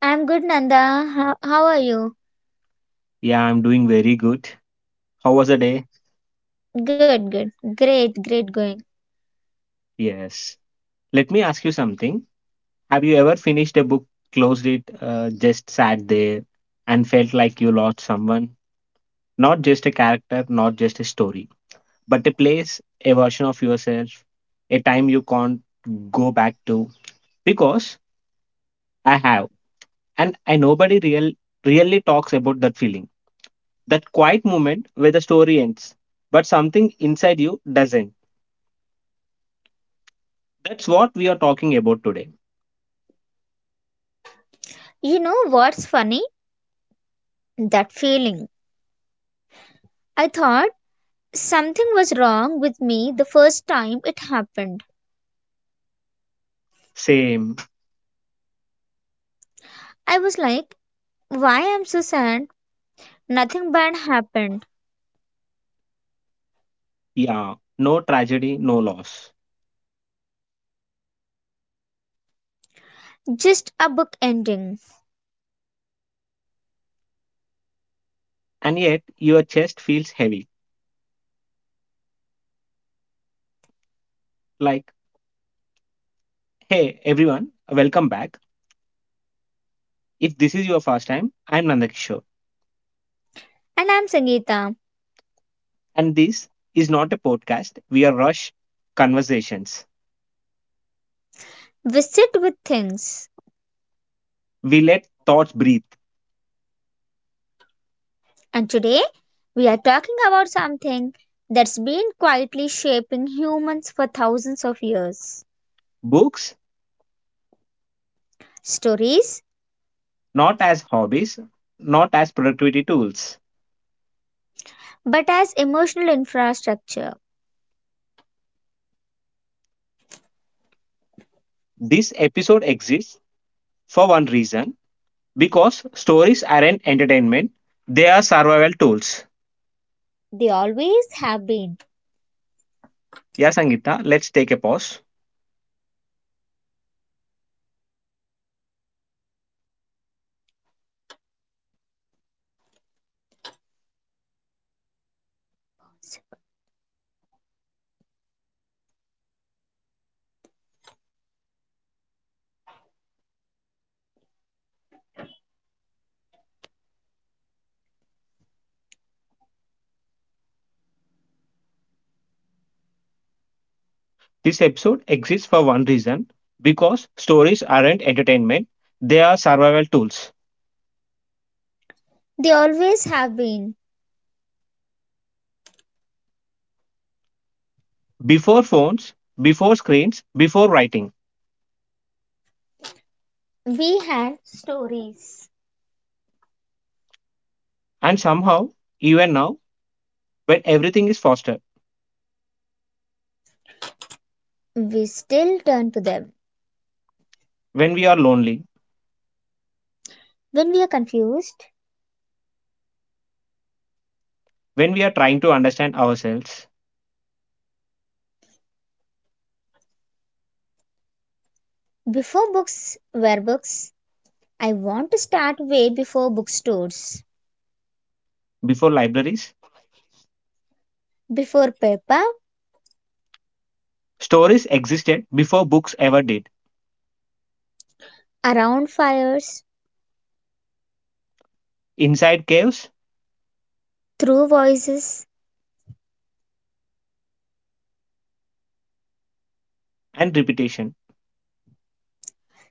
I'm good, Nanda. How are you? Yeah, I'm doing very good. How was the day? Good, good. Great, great going. Yes. Let me ask you something. Have you ever finished a book, closed it, just sat there and felt like you lost someone? Not just a character, not just a story, but a place, a version of yourself, a time you can't go back to. Because I have, and I nobody really talks about that feeling. That quiet moment where the story ends, but something inside you doesn't. That's what we are talking about today. You know what's funny? That feeling. I thought something was wrong with me the first time it happened. Same, I was like, why I'm so sad? Nothing bad happened. yeah, no tragedy, no loss. Just a book ending. And yet, your chest feels heavy. Like, hey, everyone, welcome back. If this is your first time, I'm Nandakishore. And I'm Sangeeta. And this is not a podcast. We are rush conversations. We sit with things. We let thoughts breathe. And today we are talking about something that's been quietly shaping humans for thousands of years. Books, Stories not as hobbies, not as productivity tools. but as emotional infrastructure. This episode exists for one reason because stories aren't entertainment, they are survival tools. They always have been. Yeah, Sangeeta, let's take a pause. This episode exists for one reason because stories aren't entertainment, they are survival tools. They always have been. Before phones, before screens, before writing. We had stories. And somehow, even now, when everything is faster, We still turn to them. when we are lonely, When we are confused, when we are trying to understand ourselves, before books were books, I want to start way before bookstores, before libraries, before paper, stories existed before books ever did. around fires, Inside caves through voices. and repetition,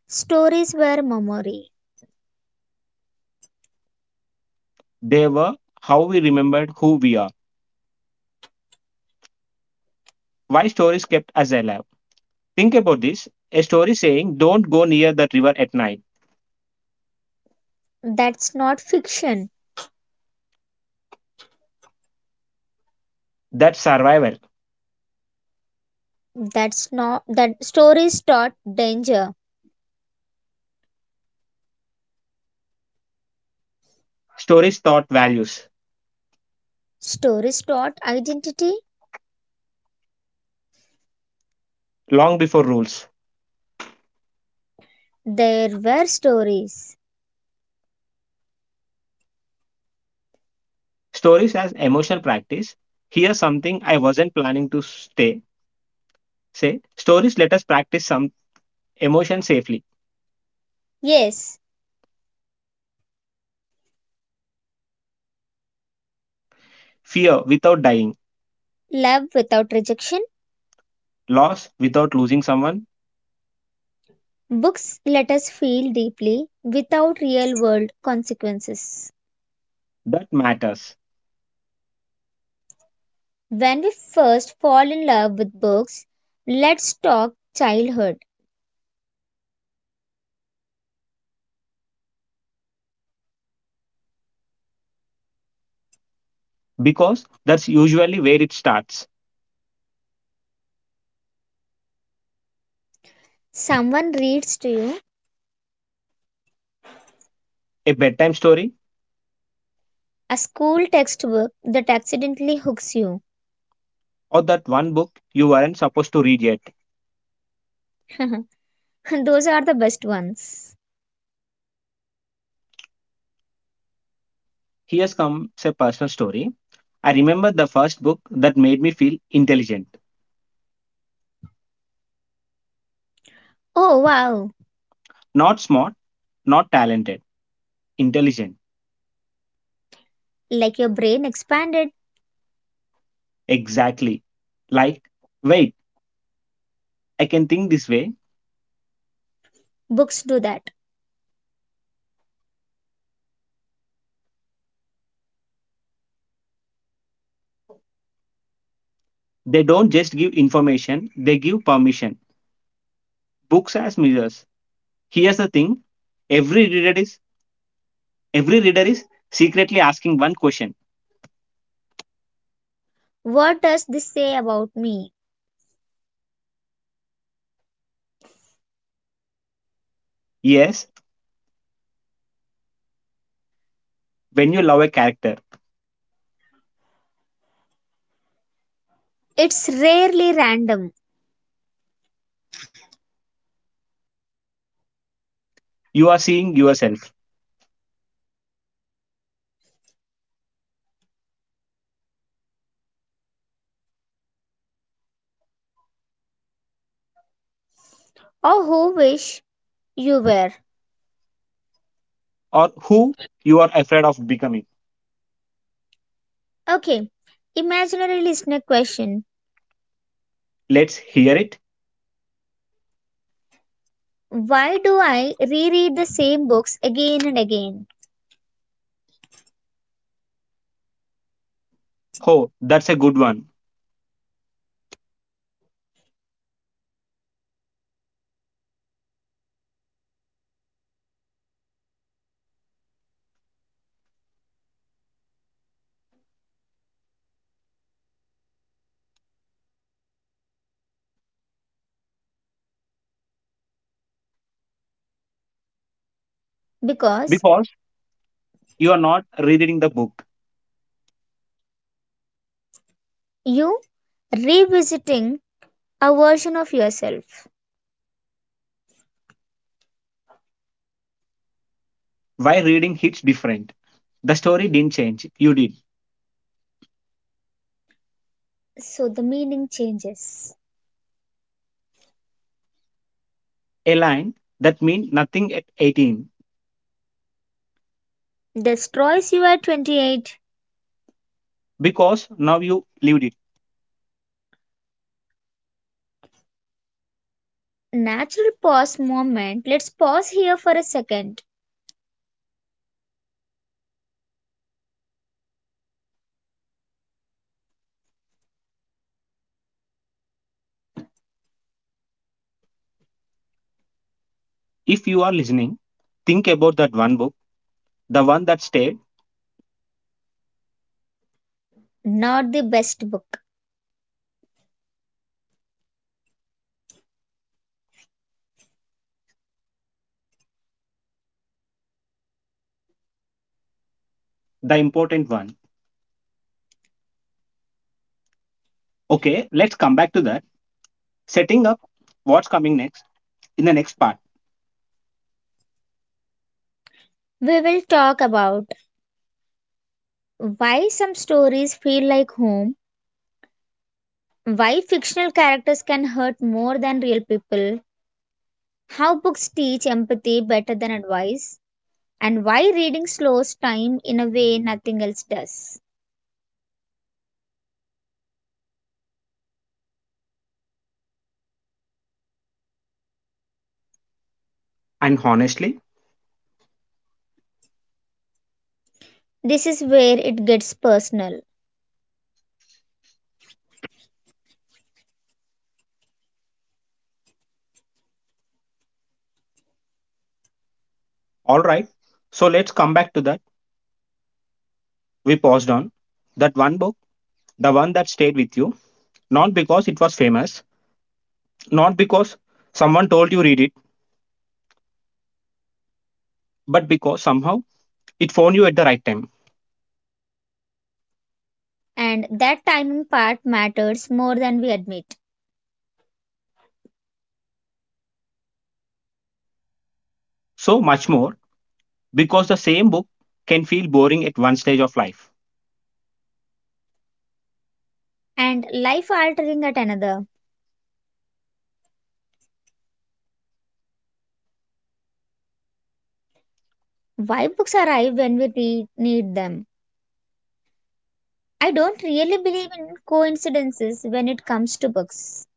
Stories were memory. they were how we remembered who we are, why stories kept us alive. Think about this a story saying, don't go near that river at night. That's not fiction. That's survival. That's not that stories taught danger. Stories taught values Stories taught identity. long before rules. There were stories. Stories as emotional practice. Here's something I wasn't planning to stay. Say, stories let us practice some emotion safely. Yes, Fear without dying, love without rejection. loss without losing someone. Books let us feel deeply without real world consequences. That matters When we first fall in love with books, let's talk childhood. because that's usually where it starts. Someone reads to you, A bedtime story a school textbook that accidentally hooks you. or that one book you weren't supposed to read yet. Those are the best ones. Here's comes a personal story. I remember the first book that made me feel intelligent. Oh wow, Not smart, not talented, intelligent. like your brain expanded. Exactly. Like, wait, I can think this way. Books do that. They don't just give information, they give permission. Books as mirrors. Here's the thing. Every reader is every reader is secretly asking one question. What does this say about me? Yes, when you love a character, you are seeing yourself Or who wish you were. or who you are afraid of becoming. Okay, imaginary listener question. Let's hear it. Why do I reread the same books again and again? Oh, that's a good one. Because Because you are not rereading the book. you revisiting a version of yourself. Why reading hits different? The story didn't change. You did. So the meaning changes. A line that meant nothing at 18 Destroys you at 28. because now you lived it. Natural pause moment. Let's pause here for a second. If you are listening, think about that one book, the one that stayed, Not the best book. the important one. Okay, let's come back to that. Setting up what's coming next in the next part. We will talk about why some stories feel like home, why fictional characters can hurt more than real people, how books teach empathy better than advice, and why reading slows time in a way nothing else does. And honestly, This is where it gets personal, all right, so let's come back to that. We paused on that one book, the one that stayed with you, not because it was famous, not because someone told you read it, but because somehow it found you at the right time. and that timing part matters more than we admit. So much more because the same book can feel boring at one stage of life. And life altering at another, why books arrive when we need them. I don't really believe in coincidences when it comes to books.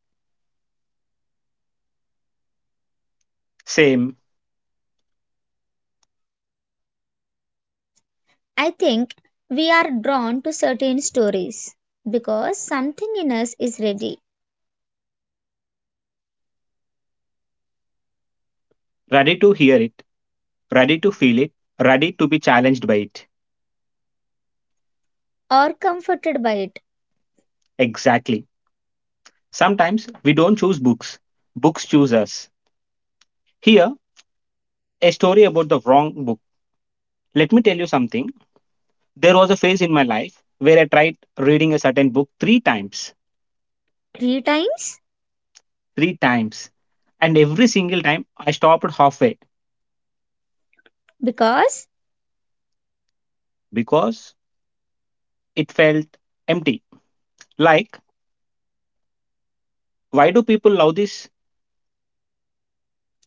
Same, I think we are drawn to certain stories because something in us is ready ready to hear it, ready to feel it, ready to be challenged by it. or comforted by it. Exactly. Sometimes we don't choose books, books choose us. Here, a story about the wrong book. Let me tell you something. There was a phase in my life where I tried reading a certain book three times. Three times? Three times and every single time I stopped halfway Because, because it felt empty. Like, why do people love this?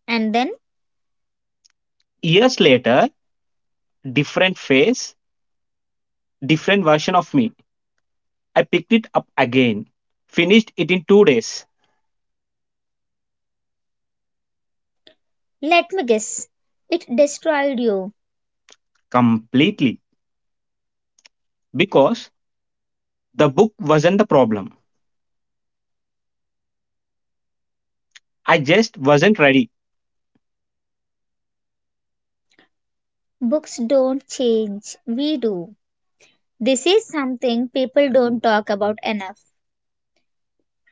and then Years later, different face, different version of me. I picked it up again, finished it in 2 days let me guess, it destroyed you. completely because the book wasn't the problem. I just wasn't ready. Books don't change, we do. This is something people don't talk about enough.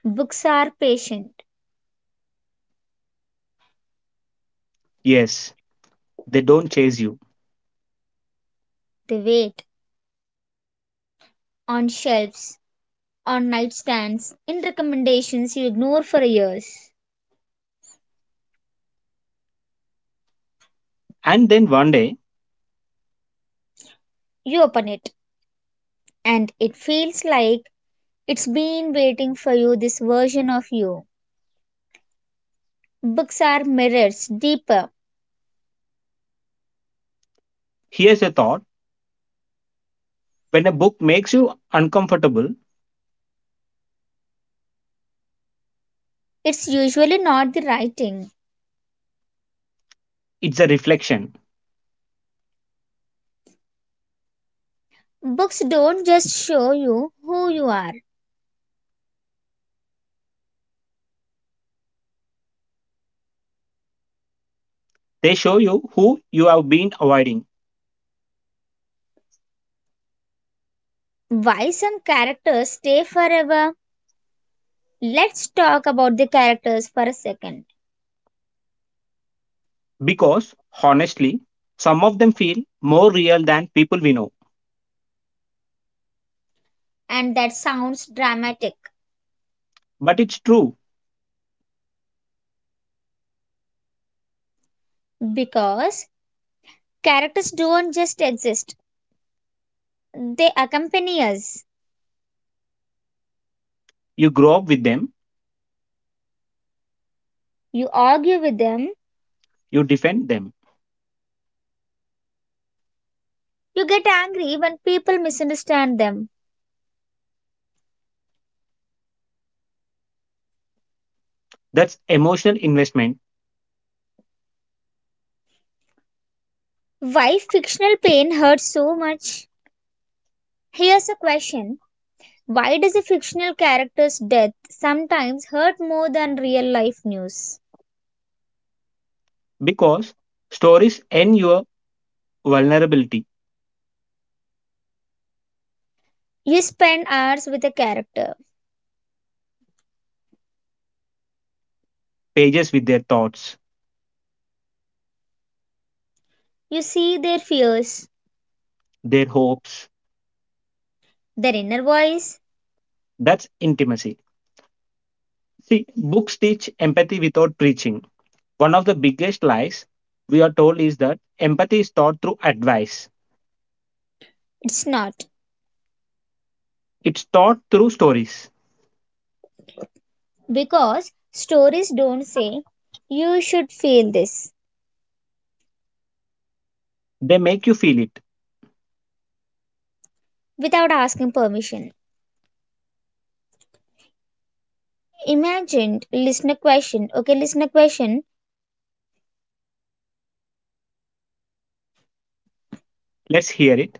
Books are patient, Yes, they don't chase you. they wait. On shelves, on nightstands, in recommendations you ignore for years. And then one day, You open it, and it feels like it's been waiting for you, this version of you. Books are mirrors, deeper. here's a thought when a book makes you uncomfortable, It's usually not the writing. it's a reflection. Books don't just show you who you are. They show you who you have been avoiding. Why some characters stay forever? Let's talk about the characters for a second. Because, honestly, some of them feel more real than people we know. And that sounds dramatic But it's true. because characters don't just exist, they accompany us. You grow up with them, You argue with them. you defend them. You get angry when people misunderstand them. That's emotional investment Why fictional pain hurts so much? Here's a question. Why does a fictional character's death sometimes hurt more than real life news? because stories end your vulnerability, You spend hours with a character. pages with their thoughts, You see their fears, their hopes. their inner voice. That's intimacy. See, books teach empathy without preaching. One of the biggest lies we are told is that empathy is taught through advice, It's not it's taught through stories. because stories don't say you should feel this They make you feel it. without asking permission. Imagined listener question. Okay, listener question. Let's hear it.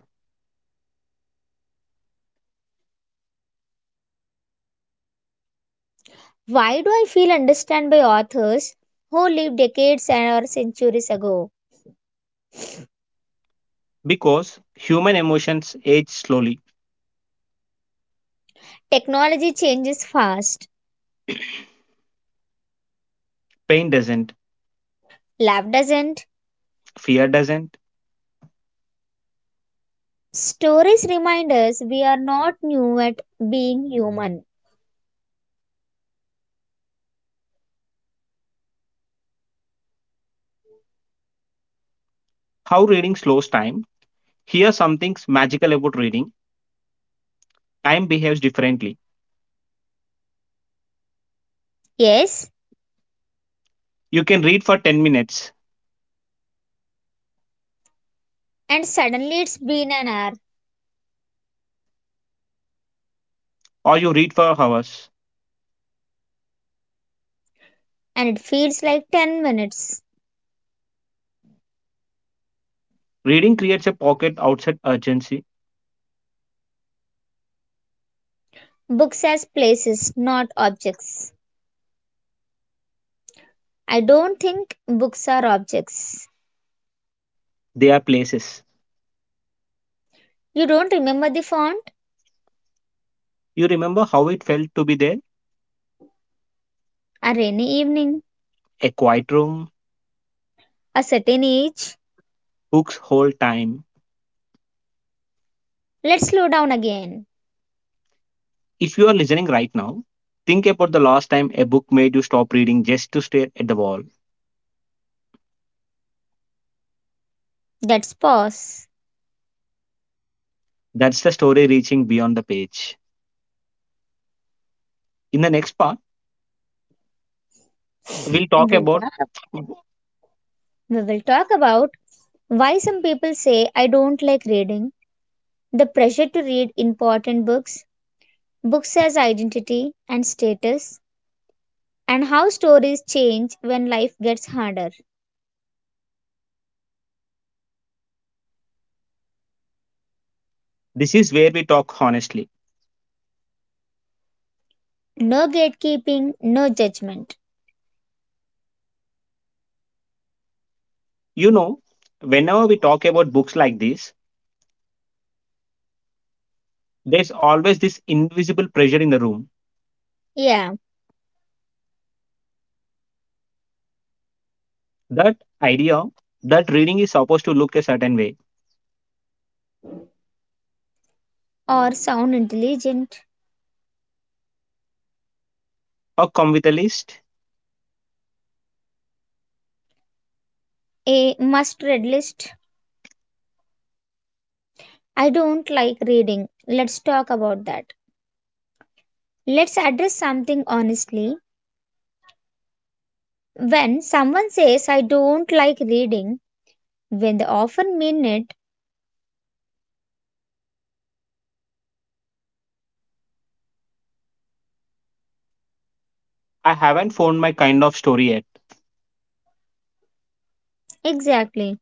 Why do I feel understood by authors who lived decades and or centuries ago? Because human emotions age slowly. Technology changes fast. Pain doesn't, Love doesn't. fear doesn't. Stories remind us we are not new at being human. How reading slows time. Here something's magical about reading. Time behaves differently. Yes, You can read for 10 minutes and suddenly it's been an hour or you read for hours. and it feels like 10 minutes. Reading creates a pocket outside urgency. Books as places, not objects. I don't think books are objects. They are places. You don't remember the font You remember how it felt to be there? or any evening, A quiet room, a certain age. books hold time. Let's slow down again. If you are listening right now, think about the last time a book made you stop reading just to stare at the wall. Let's pause. That's the story reaching beyond the page. In the next part, we'll talk We'll about talk, we will talk about why some people say I don't like reading, the pressure to read important books, books as identity and status, and how stories change when life gets harder. this is where we talk honestly. No gatekeeping, no judgment. You know, whenever we talk about books like this, there's always this invisible pressure in the room. Yeah, That idea that reading is supposed to look a certain way or sound intelligent. or come with a list. A must read list. I don't like reading. Let's talk about that. Let's address something honestly. When someone says, I don't like reading, when they often mean it I haven't found my kind of story yet. exactly.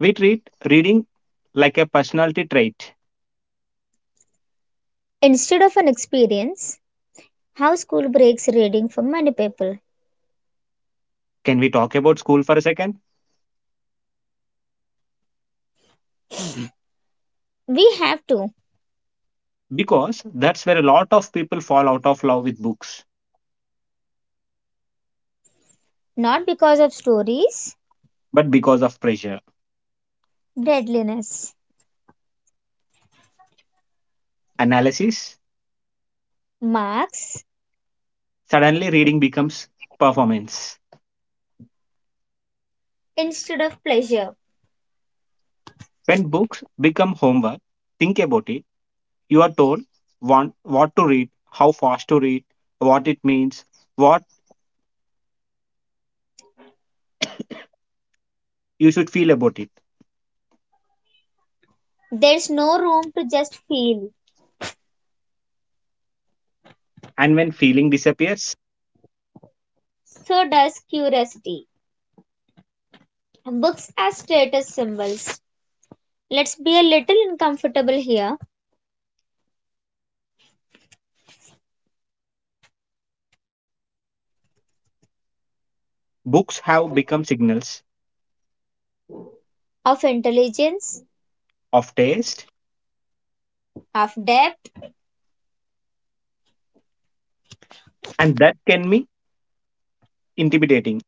We treat reading like a personality trait. Instead of an experience, how school breaks reading for many people. Can we talk about school for a second? We have to, Because that's where a lot of people fall out of love with books, not because of stories, but because of pressure, deadliness, analysis, marks, suddenly, reading becomes performance. instead of pleasure. When books become homework, think about it. You are told want, what to read, how fast to read, what it means, what you should feel about it. There's no room to just feel, And when feeling disappears, so does curiosity. Books as status symbols. Let's be a little uncomfortable here books have become signals of intelligence, of taste, of depth. and that can be intimidating.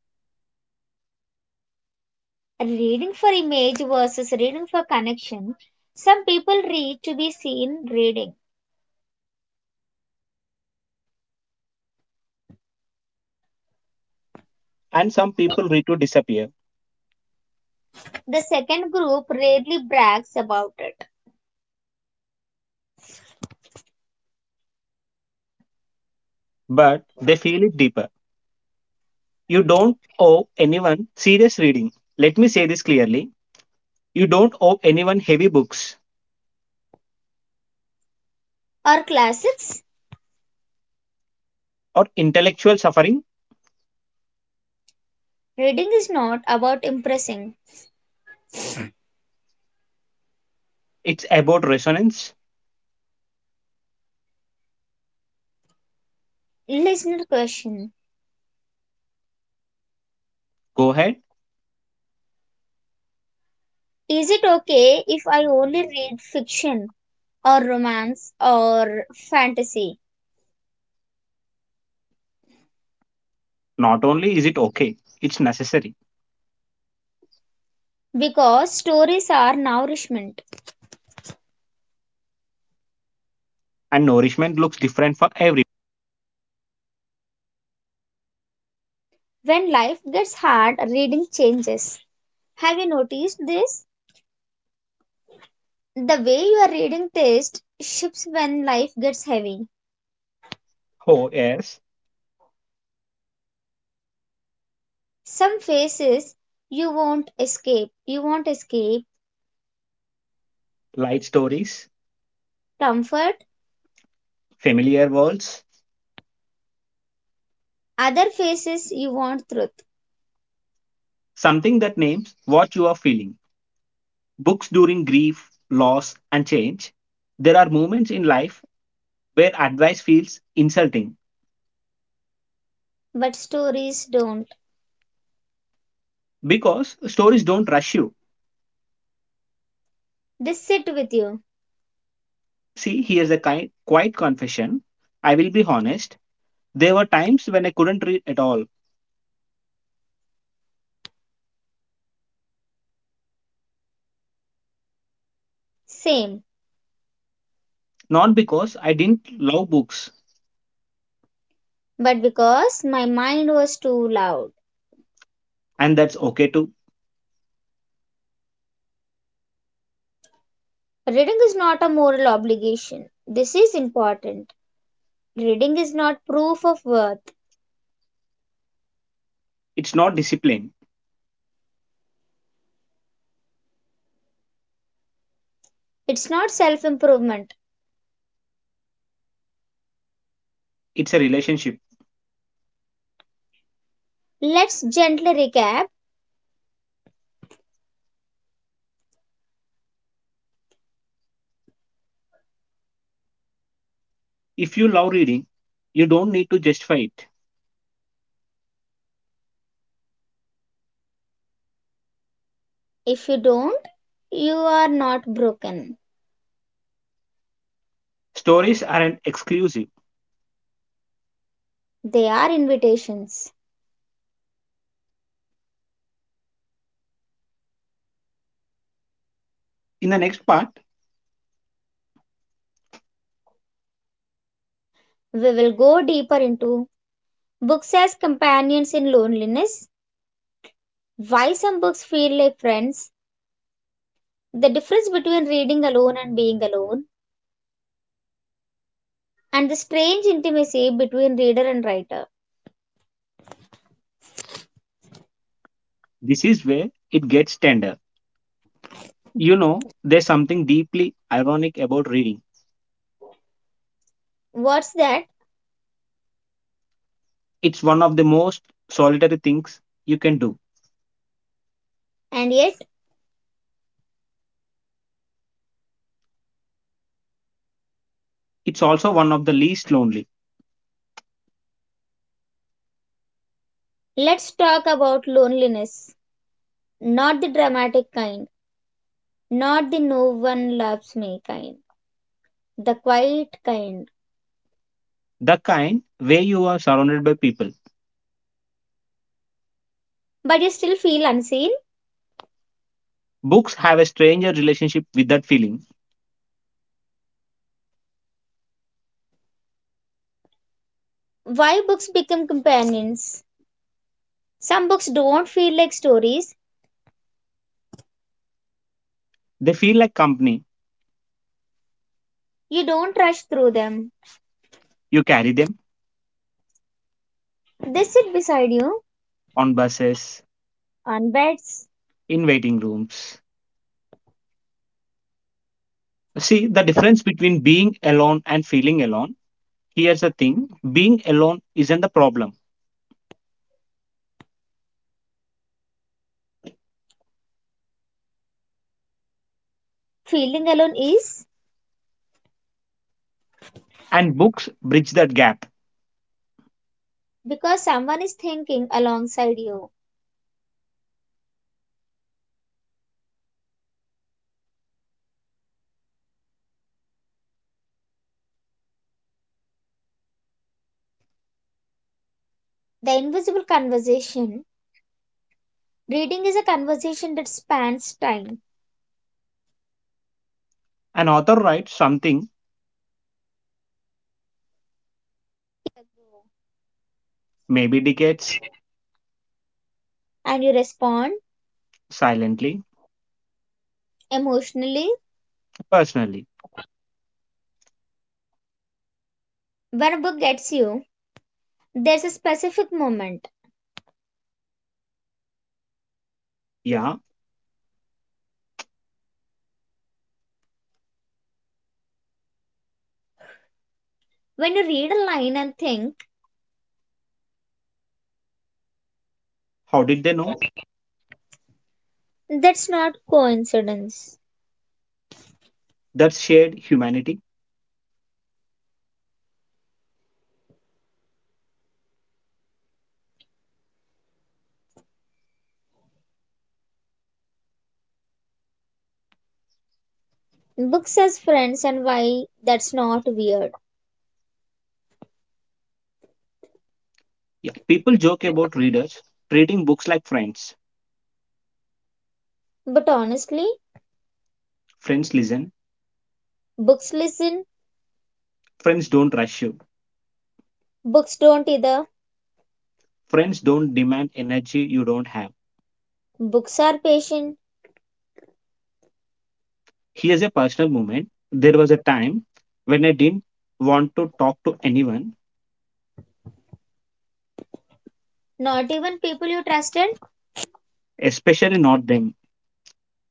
And reading for image versus reading for connection. Some people read to be seen reading. And some people read to disappear, The second group rarely brags about it. but they feel it deeper. You don't owe anyone serious reading. Let me say this clearly you don't owe anyone heavy books Our classics? or intellectual suffering. Reading is not about impressing. It's about resonance. Listener question. Go ahead. Is it okay if I only read fiction or romance or fantasy? Not only is it okay, it's necessary. Because stories are nourishment. And nourishment looks different for every. When life gets hard, reading changes. Have you noticed this? The way you are reading text shifts when life gets heavy. Oh, yes. Some phases you won't escape. Light stories, Comfort. familiar worlds, Other phases you want truth. something that names what you are feeling. Books during grief, loss, and change. There are moments in life where advice feels insulting But stories don't. because stories don't rush you. They sit with you. See, here's a kind, quiet confession. I will be honest. There were times when I couldn't read at all, Same. not because I didn't love books, But because my mind was too loud. and that's okay too. Reading is not a moral obligation. This is important. Reading is not proof of worth. It's not discipline, It's not self improvement. it's a relationship. Let's gently recap. If you love reading, you don't need to justify it. If you don't, you are not broken. Stories aren't exclusive. They are invitations. In the next part, We will go deeper into books as companions in loneliness, why some books feel like friends, the difference between reading alone and being alone, and the strange intimacy between reader and writer. this is where it gets tender. You know, there's something deeply ironic about reading. What's that? It's one of the most solitary things you can do. And yet, It's also one of the least lonely, let's talk about loneliness. Not the dramatic kind, not the no one loves me kind, the quiet kind. the kind where you are surrounded by people. But you still feel unseen? Books have a stranger relationship with that feeling. Why books become companions? Some books don't feel like stories, They feel like company. you don't rush through them. You carry them They sit beside you on buses, on beds. in waiting rooms, see, the difference between being alone and feeling alone. Here's the thing being alone isn't the problem, Feeling alone is and books bridge that gap. because someone is thinking alongside you. The invisible conversation. Reading is a conversation that spans time An author writes something, maybe decades, and you respond silently, emotionally personally. when a book gets you. There's a specific moment Yeah, when you read a line and think how did they know? that's not coincidence. That's shared humanity. Books as friends and why that's not weird. Yeah, people joke about readers treating books like friends. But honestly, Friends listen, books listen, friends don't rush you, books don't either. friends don't demand energy you don't have. Books are patient, Here's a personal moment. There was a time when I didn't want to talk to anyone not even people you trusted, especially not them,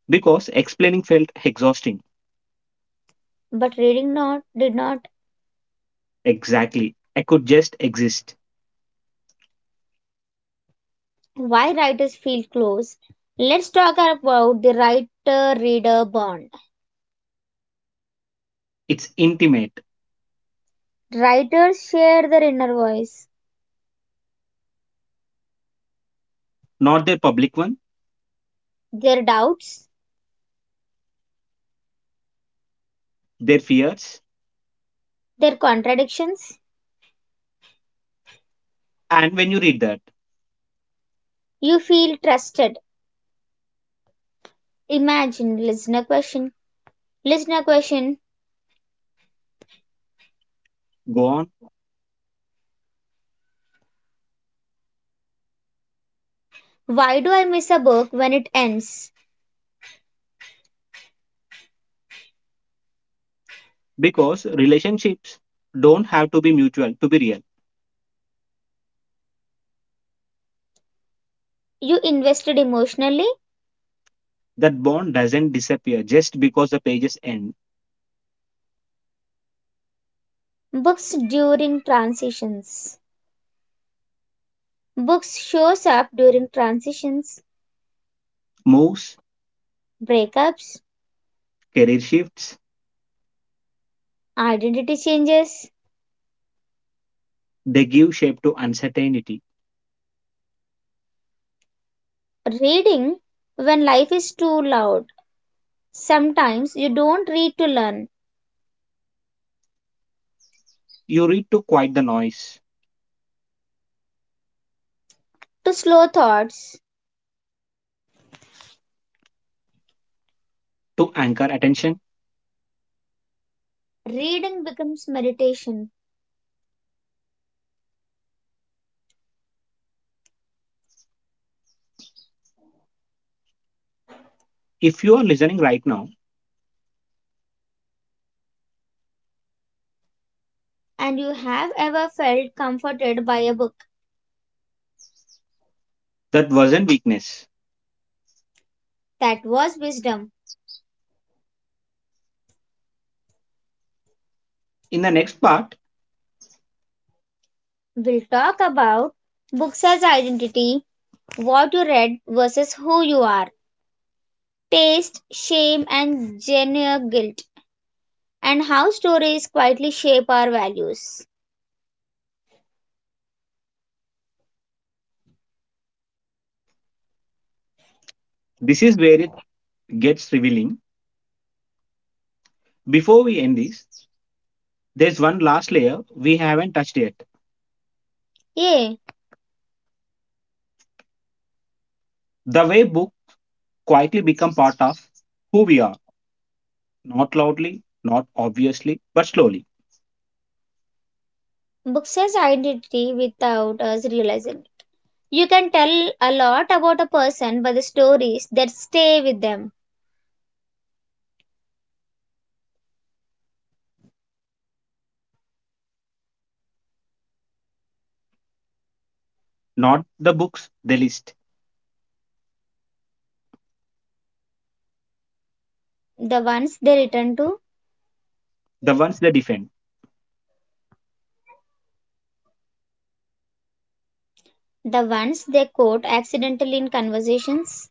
because explaining felt exhausting. but reading not did not. Exactly. I could just exist. Why writers feel close? Let's talk about the writer reader bond. It's intimate, Writers share their inner voice, not their public one, their doubts, their fears. their contradictions. And when you read that, You feel trusted. Imagine listener question. Listener question. go on, Why do I miss a book when it ends? because relationships don't have to be mutual to be real. You invested emotionally. That bond doesn't disappear just because the pages end. Books during transitions. Books shows up during transitions, Moves, breakups, career shifts, identity changes, they give shape to uncertainty. reading when life is too loud. Sometimes you don't read to learn, You read to quiet the noise, to slow thoughts. to anchor attention. Reading becomes meditation, If you are listening right now, and you have ever felt comforted by a book. that wasn't weakness. That was wisdom. In the next part, We'll talk about books as identity, what you read versus who you are, taste, shame, and genuine guilt, and how stories quietly shape our values. this is where it gets revealing. Before we end this, there's one last layer we haven't touched yet. Yeah. The way book quietly become part of who we are, not loudly, not obviously, but slowly. Books says identity without us realizing it. You can tell a lot about a person by the stories that stay with them, Not the books they list, the ones they return to, the ones they defend. the ones they quote accidentally in conversations.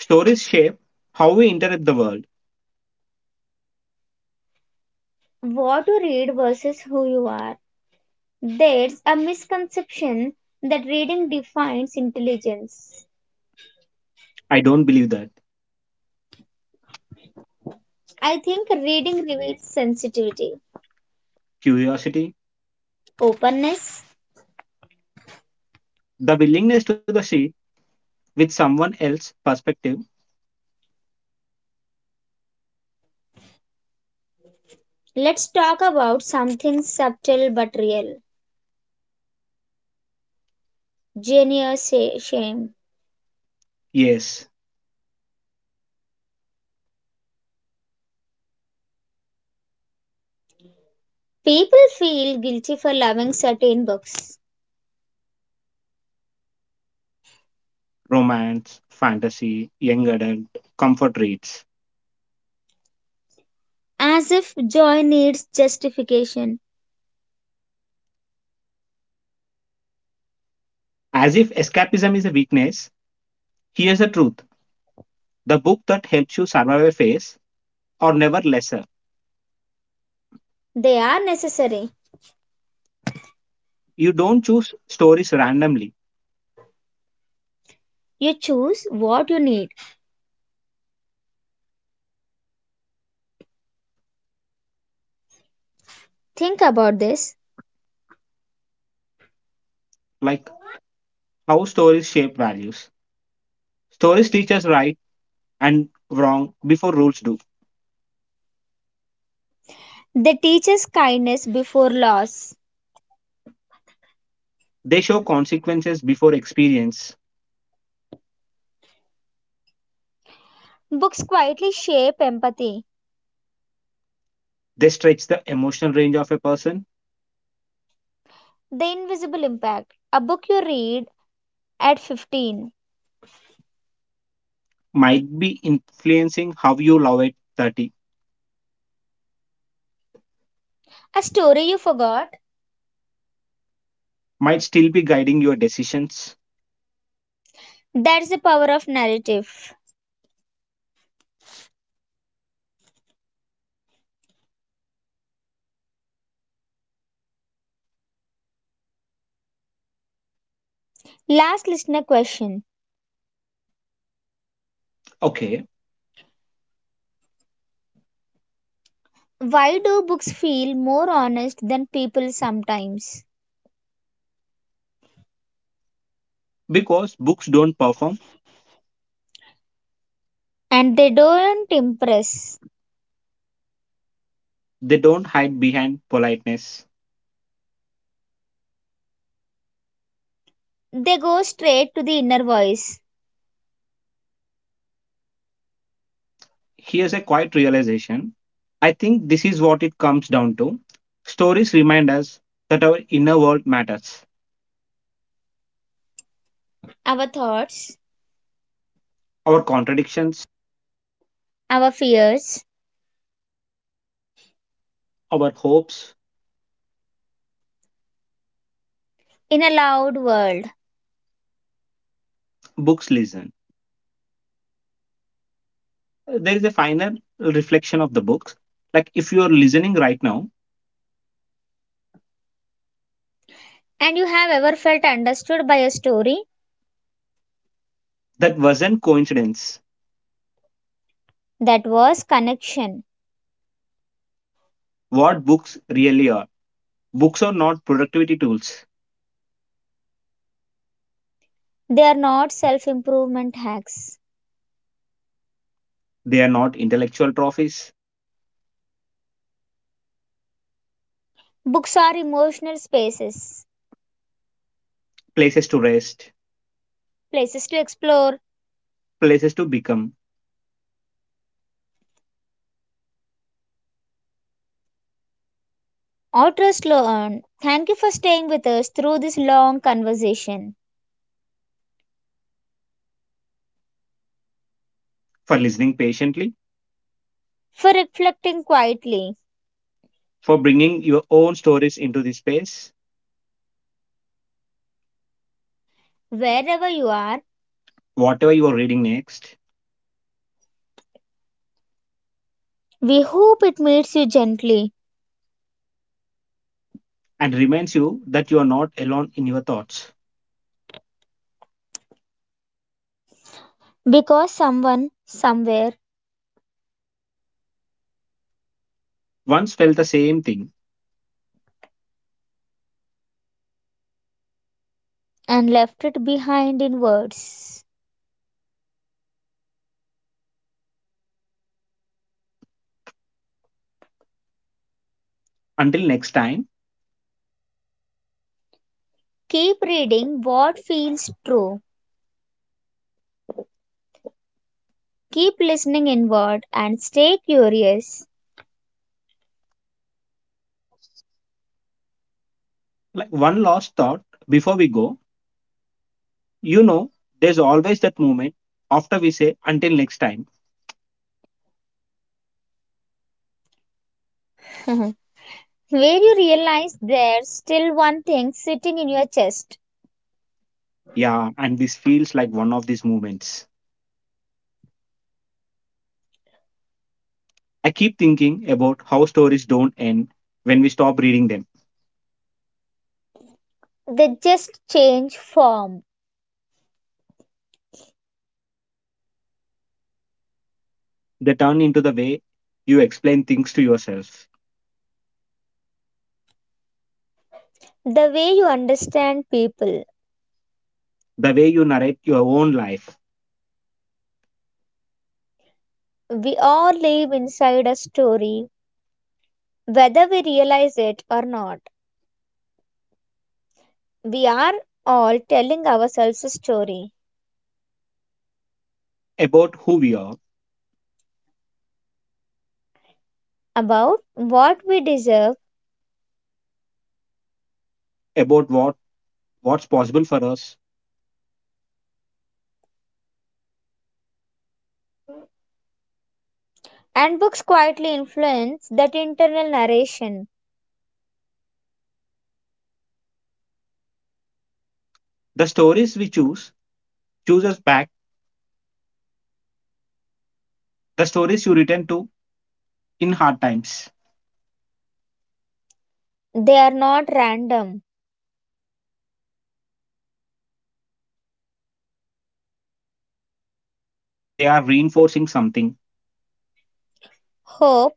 Stories shape how we interrupt the world. What you read versus who you are. There's a misconception that reading defines intelligence. I don't believe that. I think reading reveals sensitivity, Curiosity, openness. the willingness to the sea with someone else's perspective. Let's talk about something subtle but real. Genius shame. Yes, People feel guilty for loving certain books, romance, fantasy, young adult, comfort reads. as if joy needs justification. As if escapism is a weakness, here's the truth the book that helps you survive a phase or never lesser. They are necessary. You don't choose stories randomly, You choose what you need. Think about this. like how stories shape values. Stories teach us right and wrong before rules do. They teach us kindness before loss. They show consequences before experience. Books quietly shape empathy, They stretch the emotional range of a person, the invisible impact. A book you read at 15, might be influencing how you love at 30, a story you forgot, might still be guiding your decisions. that's the power of narrative. Last listener question. Okay, Why do books feel more honest than people sometimes? because books don't perform, And they don't impress. they don't hide behind politeness. They go straight to the inner voice, Here's a quiet realization. I think this is what it comes down to. Stories remind us that our inner world matters, our thoughts, our contradictions, our fears, our hopes. in a loud world. Books listen. There is a final reflection of the books. Like if you are listening right now, And you have ever felt understood by a story? that wasn't coincidence. That was connection. What books really are. Books are not productivity tools. They are not self improvement hacks. They are not intellectual trophies, Books are emotional spaces, places to rest, places to explore, places to become. authors trust learn. Thank you for staying with us through this long conversation, For listening patiently, for reflecting quietly. for bringing your own stories into this space, Wherever you are, whatever you are reading next we hope it meets you gently and reminds you that you are not alone in your thoughts. because someone somewhere Once felt the same thing. and left it behind in words. Until next time, Keep reading what feels true. Keep listening inward and stay curious. like one last thought before we go, you know, there's always that moment after we say until next time. Where you realize there's still one thing sitting in your chest. Yeah, and this feels like one of these moments. I keep thinking about how stories don't end when we stop reading them. They just change form. They turn into the way you explain things to yourself, The way you understand people. the way you narrate your own life, We all live inside a story, whether we realize it or not. We are all telling ourselves a story about who we are, about what we deserve. about what's possible for us. And books quietly influence that internal narration. The stories we choose us back. The stories you return to in hard times. They are not random, They are reinforcing something. hope,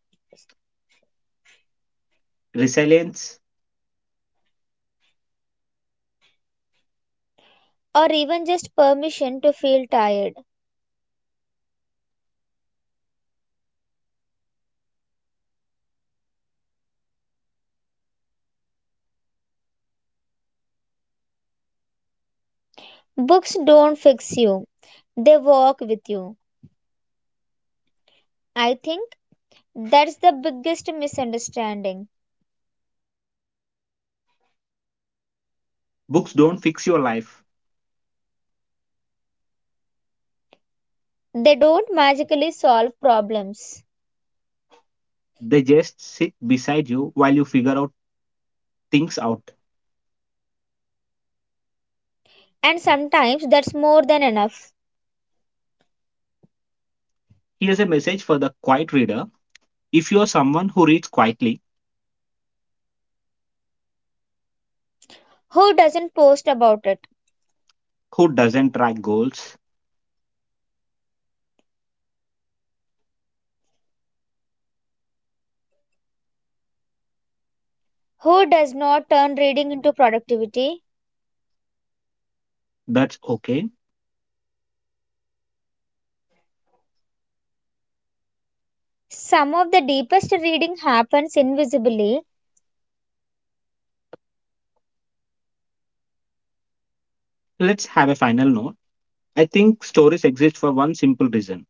Resilience. or even just permission to feel tired. Books don't fix you, they walk with you. I think that's the biggest misunderstanding. Books don't fix your life. They don't magically solve problems. They just sit beside you while you figure out things out. And sometimes that's more than enough. Here's a message for the quiet reader. If you're someone who reads quietly, Who doesn't post about it? who doesn't track goals, Who does not turn reading into productivity? that's okay. Some of the deepest reading happens invisibly. Let's have a final note. I think stories exist for one simple reason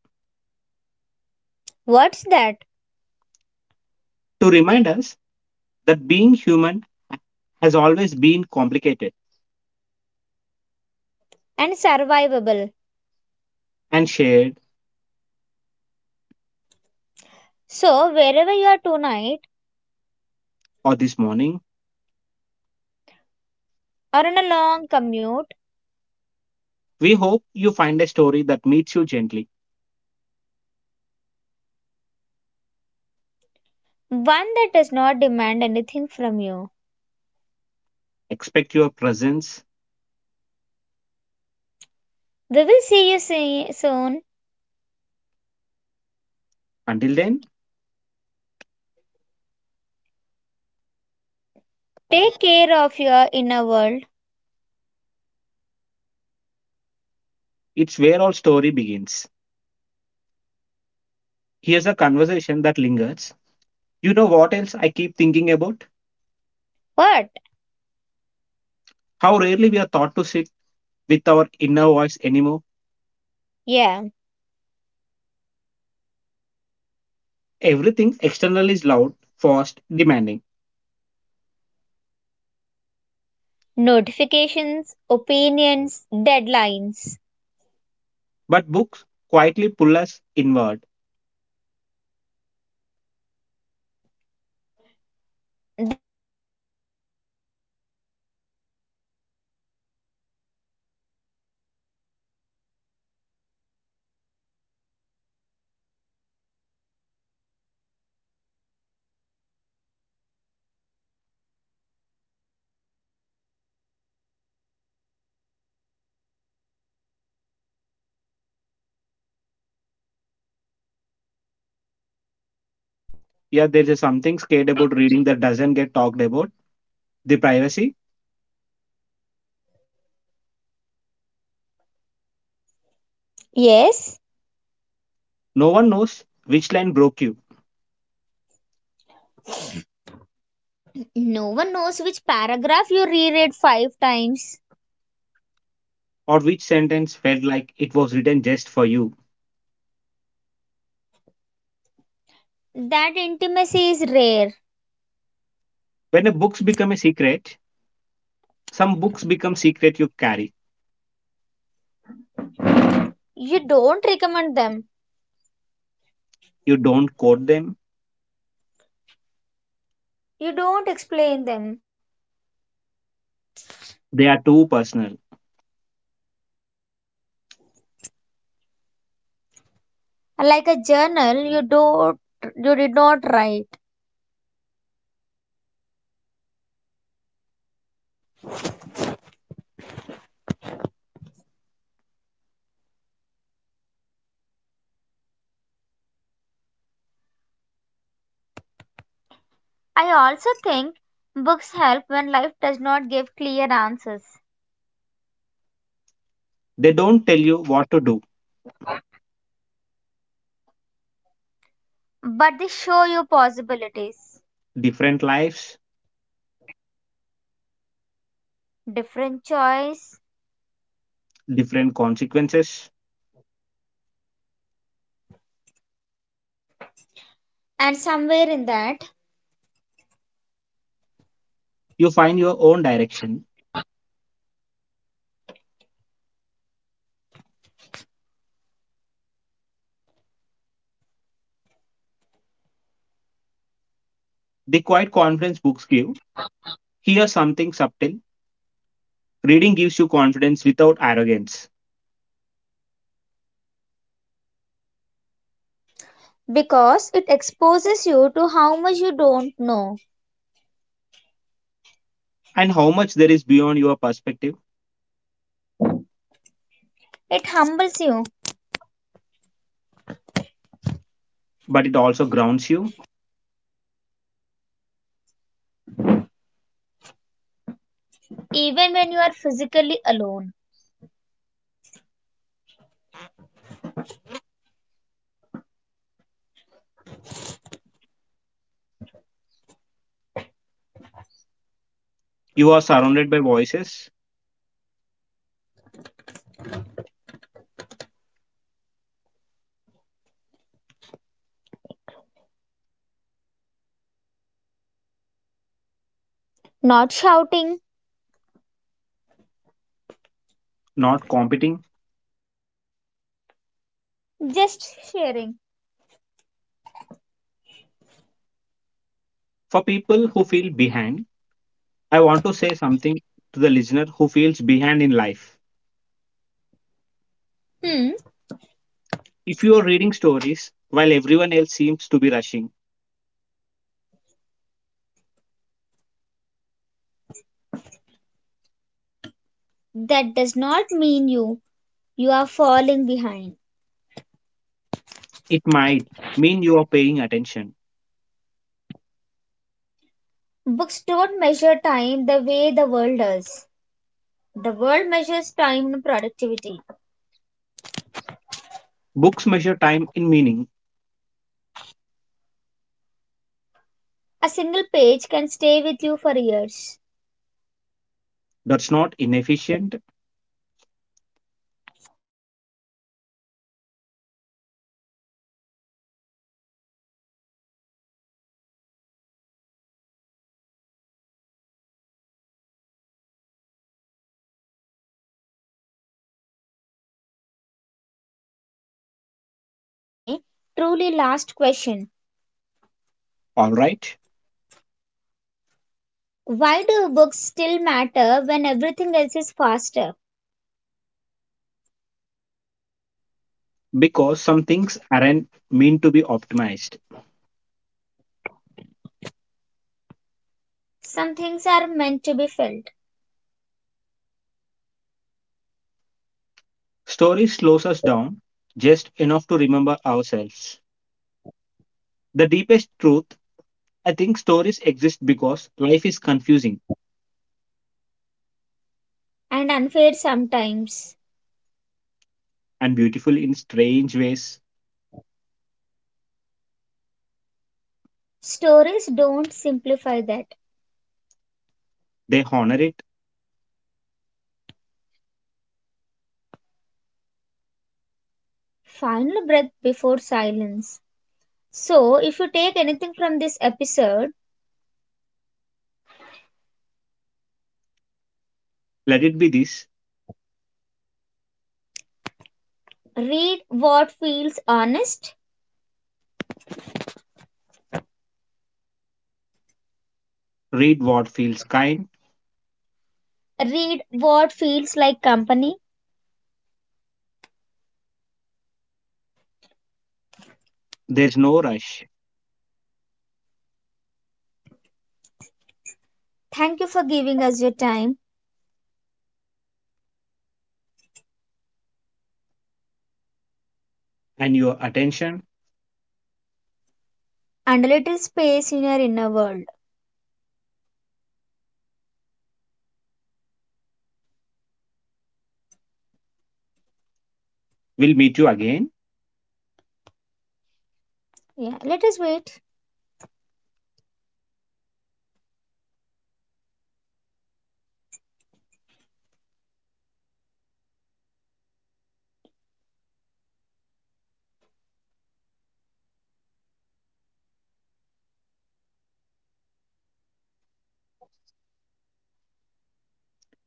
What's that? to remind us that being human has always been complicated And survivable. and shared So, wherever you are tonight or this morning. or on a long commute, We hope you find a story that meets you gently. one that does not demand anything from you. Expect your presence. We will see you soon. Until then, Take care of your inner world. it's where all story begins. Here's a conversation that lingers. You know what else I keep thinking about? What? How rarely we are taught to sit with our inner voice anymore. Yeah, Everything external is loud, fast, demanding. notifications, opinions, deadlines. But books quietly pull us inward. They say, come back to yourself for a bit. Reading is a private space. There's something sacred about reading that does not get talked about. Yeah, there is something scared about reading that doesn't get talked about. The privacy. Yes, No one knows which line broke you no one knows which paragraph you reread five times. or which sentence felt like it was written just for you. That intimacy is rare. When a books become a secret, some books become secret you carry. You don't recommend them. You don't quote them. You don't explain them. They are too personal. Like a journal, you did not write. I also think books help when life does not give clear answers. They don't tell you what to do. But they show you possibilities, Different lives, different choice, different consequences. and somewhere in that, You find your own direction. The quiet confidence books give. Here something subtle. Reading gives you confidence without arrogance. because it exposes you to how much you don't know. And how much there is beyond your perspective, It humbles you but it also grounds you. even when you are physically alone. You are surrounded by voices, Not shouting, not competing. just sharing. For people who feel behind, I want to say something to the listener who feels behind in life. Hmm, If you are reading stories while everyone else seems to be rushing, that does not mean you are falling behind. it might mean you are paying attention. Books don't measure time the way the world does. The world measures time and productivity. Books measure time in meaning. A single page can stay with you for years. That's not inefficient, That's human. One last imagined question, okay? Truly last question. all right? Why do books still matter when everything else is faster? Because some things aren't meant to be optimized. Some things are meant to be felt. Stories slows us down just enough to remember ourselves. The deepest truth, I think stories exist because life is confusing And unfair sometimes. and beautiful in strange ways. Stories don't simplify that. They honor it. Final breath before silence. So, if you take anything from this episode, Let it be this. read what feels honest, Read what feels kind. read what feels like company. There's no rush. Thank you for giving us your time And your attention and a little space in your inner world. will meet you again. Yeah, let us wait.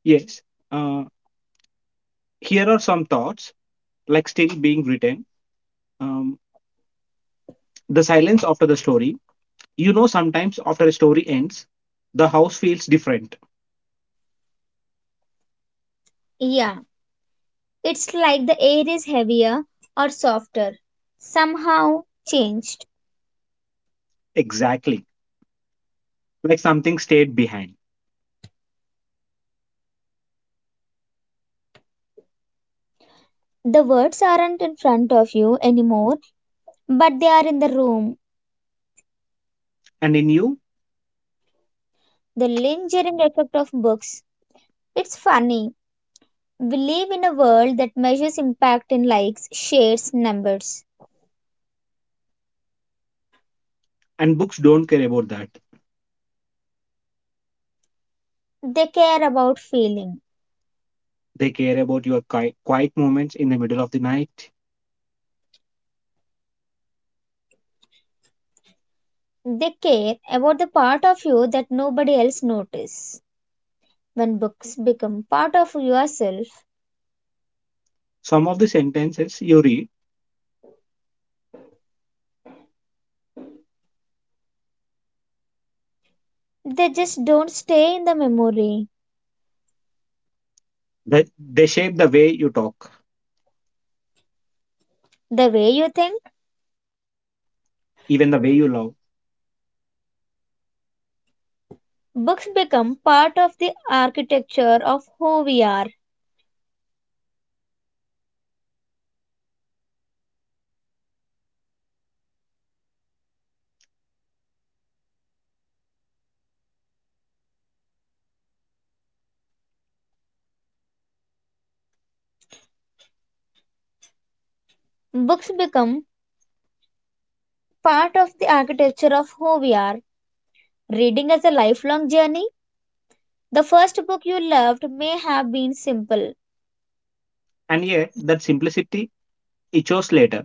Yes. Uh, Here are some thoughts, like still being written. Um, the silence after the story. You know, sometimes after a story ends, the house feels different. Yeah, it's like the air is heavier or softer, somehow changed. Exactly. Like something stayed behind. The words aren't in front of you anymore, but they are in the room. And in you, The lingering effect of books. It's funny. We live in a world that measures impact in likes, shares, numbers. and books don't care about that. They care about feeling. They care about your quiet moments in the middle of the night. They care about the part of you that nobody else notices. When books become part of yourself, Some of the sentences you read. they just don't stay in the memory. They shape the way you talk, The way you think, even the way you love. books become part of the architecture of who we are. Books become part of the architecture of who we are. Reading as a lifelong journey. The first book you loved may have been simple. And yet, that simplicity echoes later.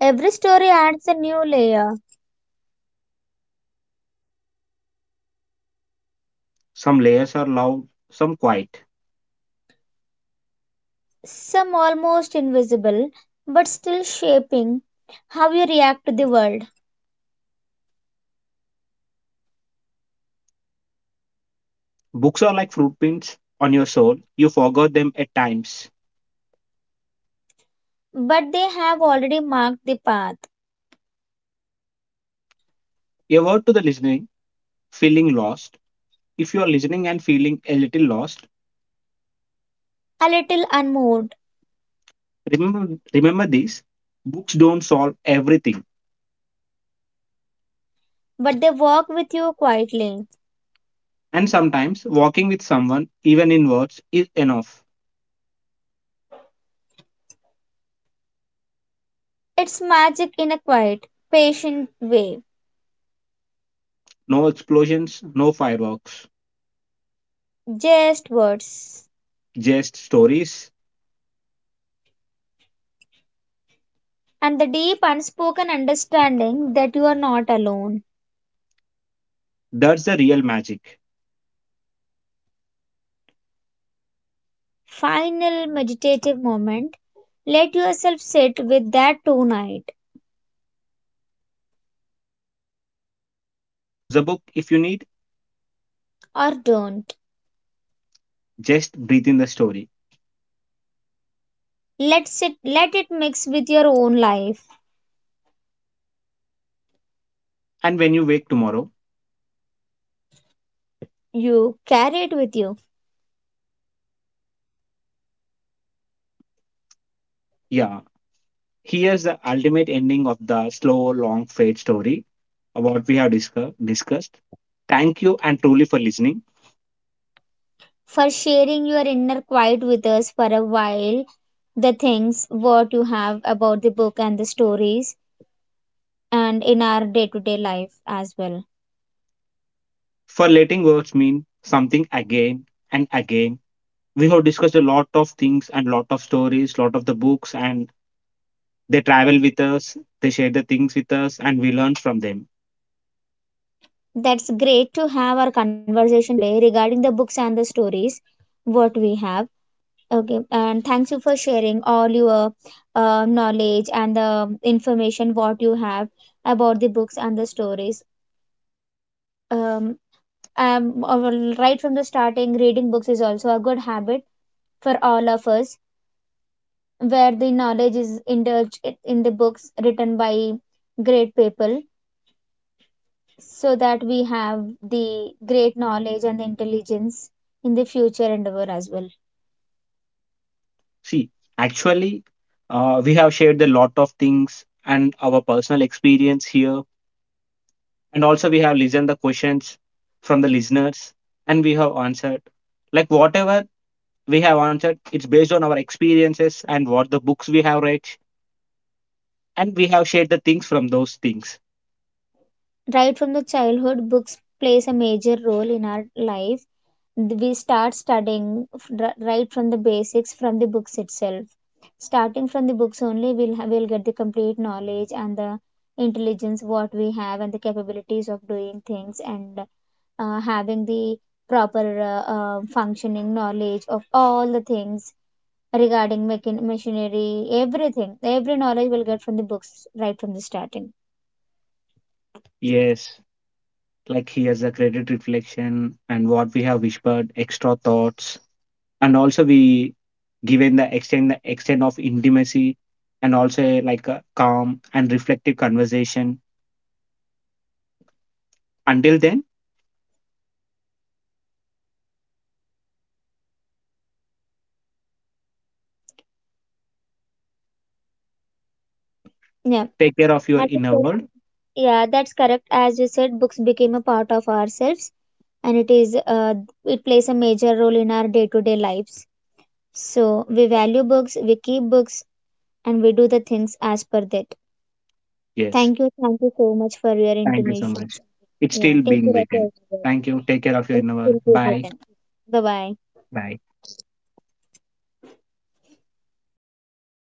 Every story adds a new layer, Some layers are loud, some quiet. some almost invisible, but still shaping how you react to the world. Books are like footprints on your soul. You forgot them at times. But they have already marked the path, A word to the listening, feeling lost. If you are listening and feeling a little lost, a little unmoved, remember this books don't solve everything. but they walk with you quietly. And sometimes, walking with someone, even in words, is enough. It's magic in a quiet, patient way, No explosions, no fireworks, just words, just stories. and the deep unspoken understanding that you are not alone. That's the real magic. Final meditative moment. Let yourself sit with that tonight, Close the book if you need, or don't. just breathe in the story. Let sit let it mix with your own life. And when you wake tomorrow, You carry it with you. yeah, here's the ultimate ending of the slow, long fade story what we have discussed. Thank you and truly for listening, For sharing your inner quiet with us for a while, the things what you have about the book and the stories and in our day-to-day life as well. for letting words mean something again and again. We have discussed a lot of things and lot of stories, lot of the books, and they travel with us, they share the things with us, and we learn from them. That's great to have our conversation today regarding the books and the stories what we have. Okay, and thanks you for sharing all your knowledge and the information what you have about the books and the stories. Um, well, right from the starting, reading books is also a good habit for all of us, where the knowledge is indulged in the books written by great people, so that we have the great knowledge and the intelligence in the future endeavor as well. See, actually, we have shared a lot of things and our personal experience here, and also we have listened the questions from the listeners, and we have answered. Like whatever we have answered, it's based on our experiences and what the books we have read, and we have shared the things from those things. Right from the childhood, books plays a major role in our life we start studying right from the basics from the books itself starting from the books only we'll get the complete knowledge and the intelligence what we have and the capabilities of doing things and having the proper functioning knowledge of all the things regarding machinery everything every knowledge we'll get from the books right from the starting. Yes, like here's a credit reflection and what we have whispered, extra thoughts and also we given the extent of intimacy and also like a calm and reflective conversation until then Yeah, take care of your as you inner said, world yeah that's correct. As you said books became a part of ourselves and it is it plays a major role in our day-to-day lives. So we value books, we keep books, and we do the things as per that. yes Thank you so much for your thank you so intimation. much it's Yeah, still take being care of your. written thank you take care of your It inner world will be bye written. Bye bye. bye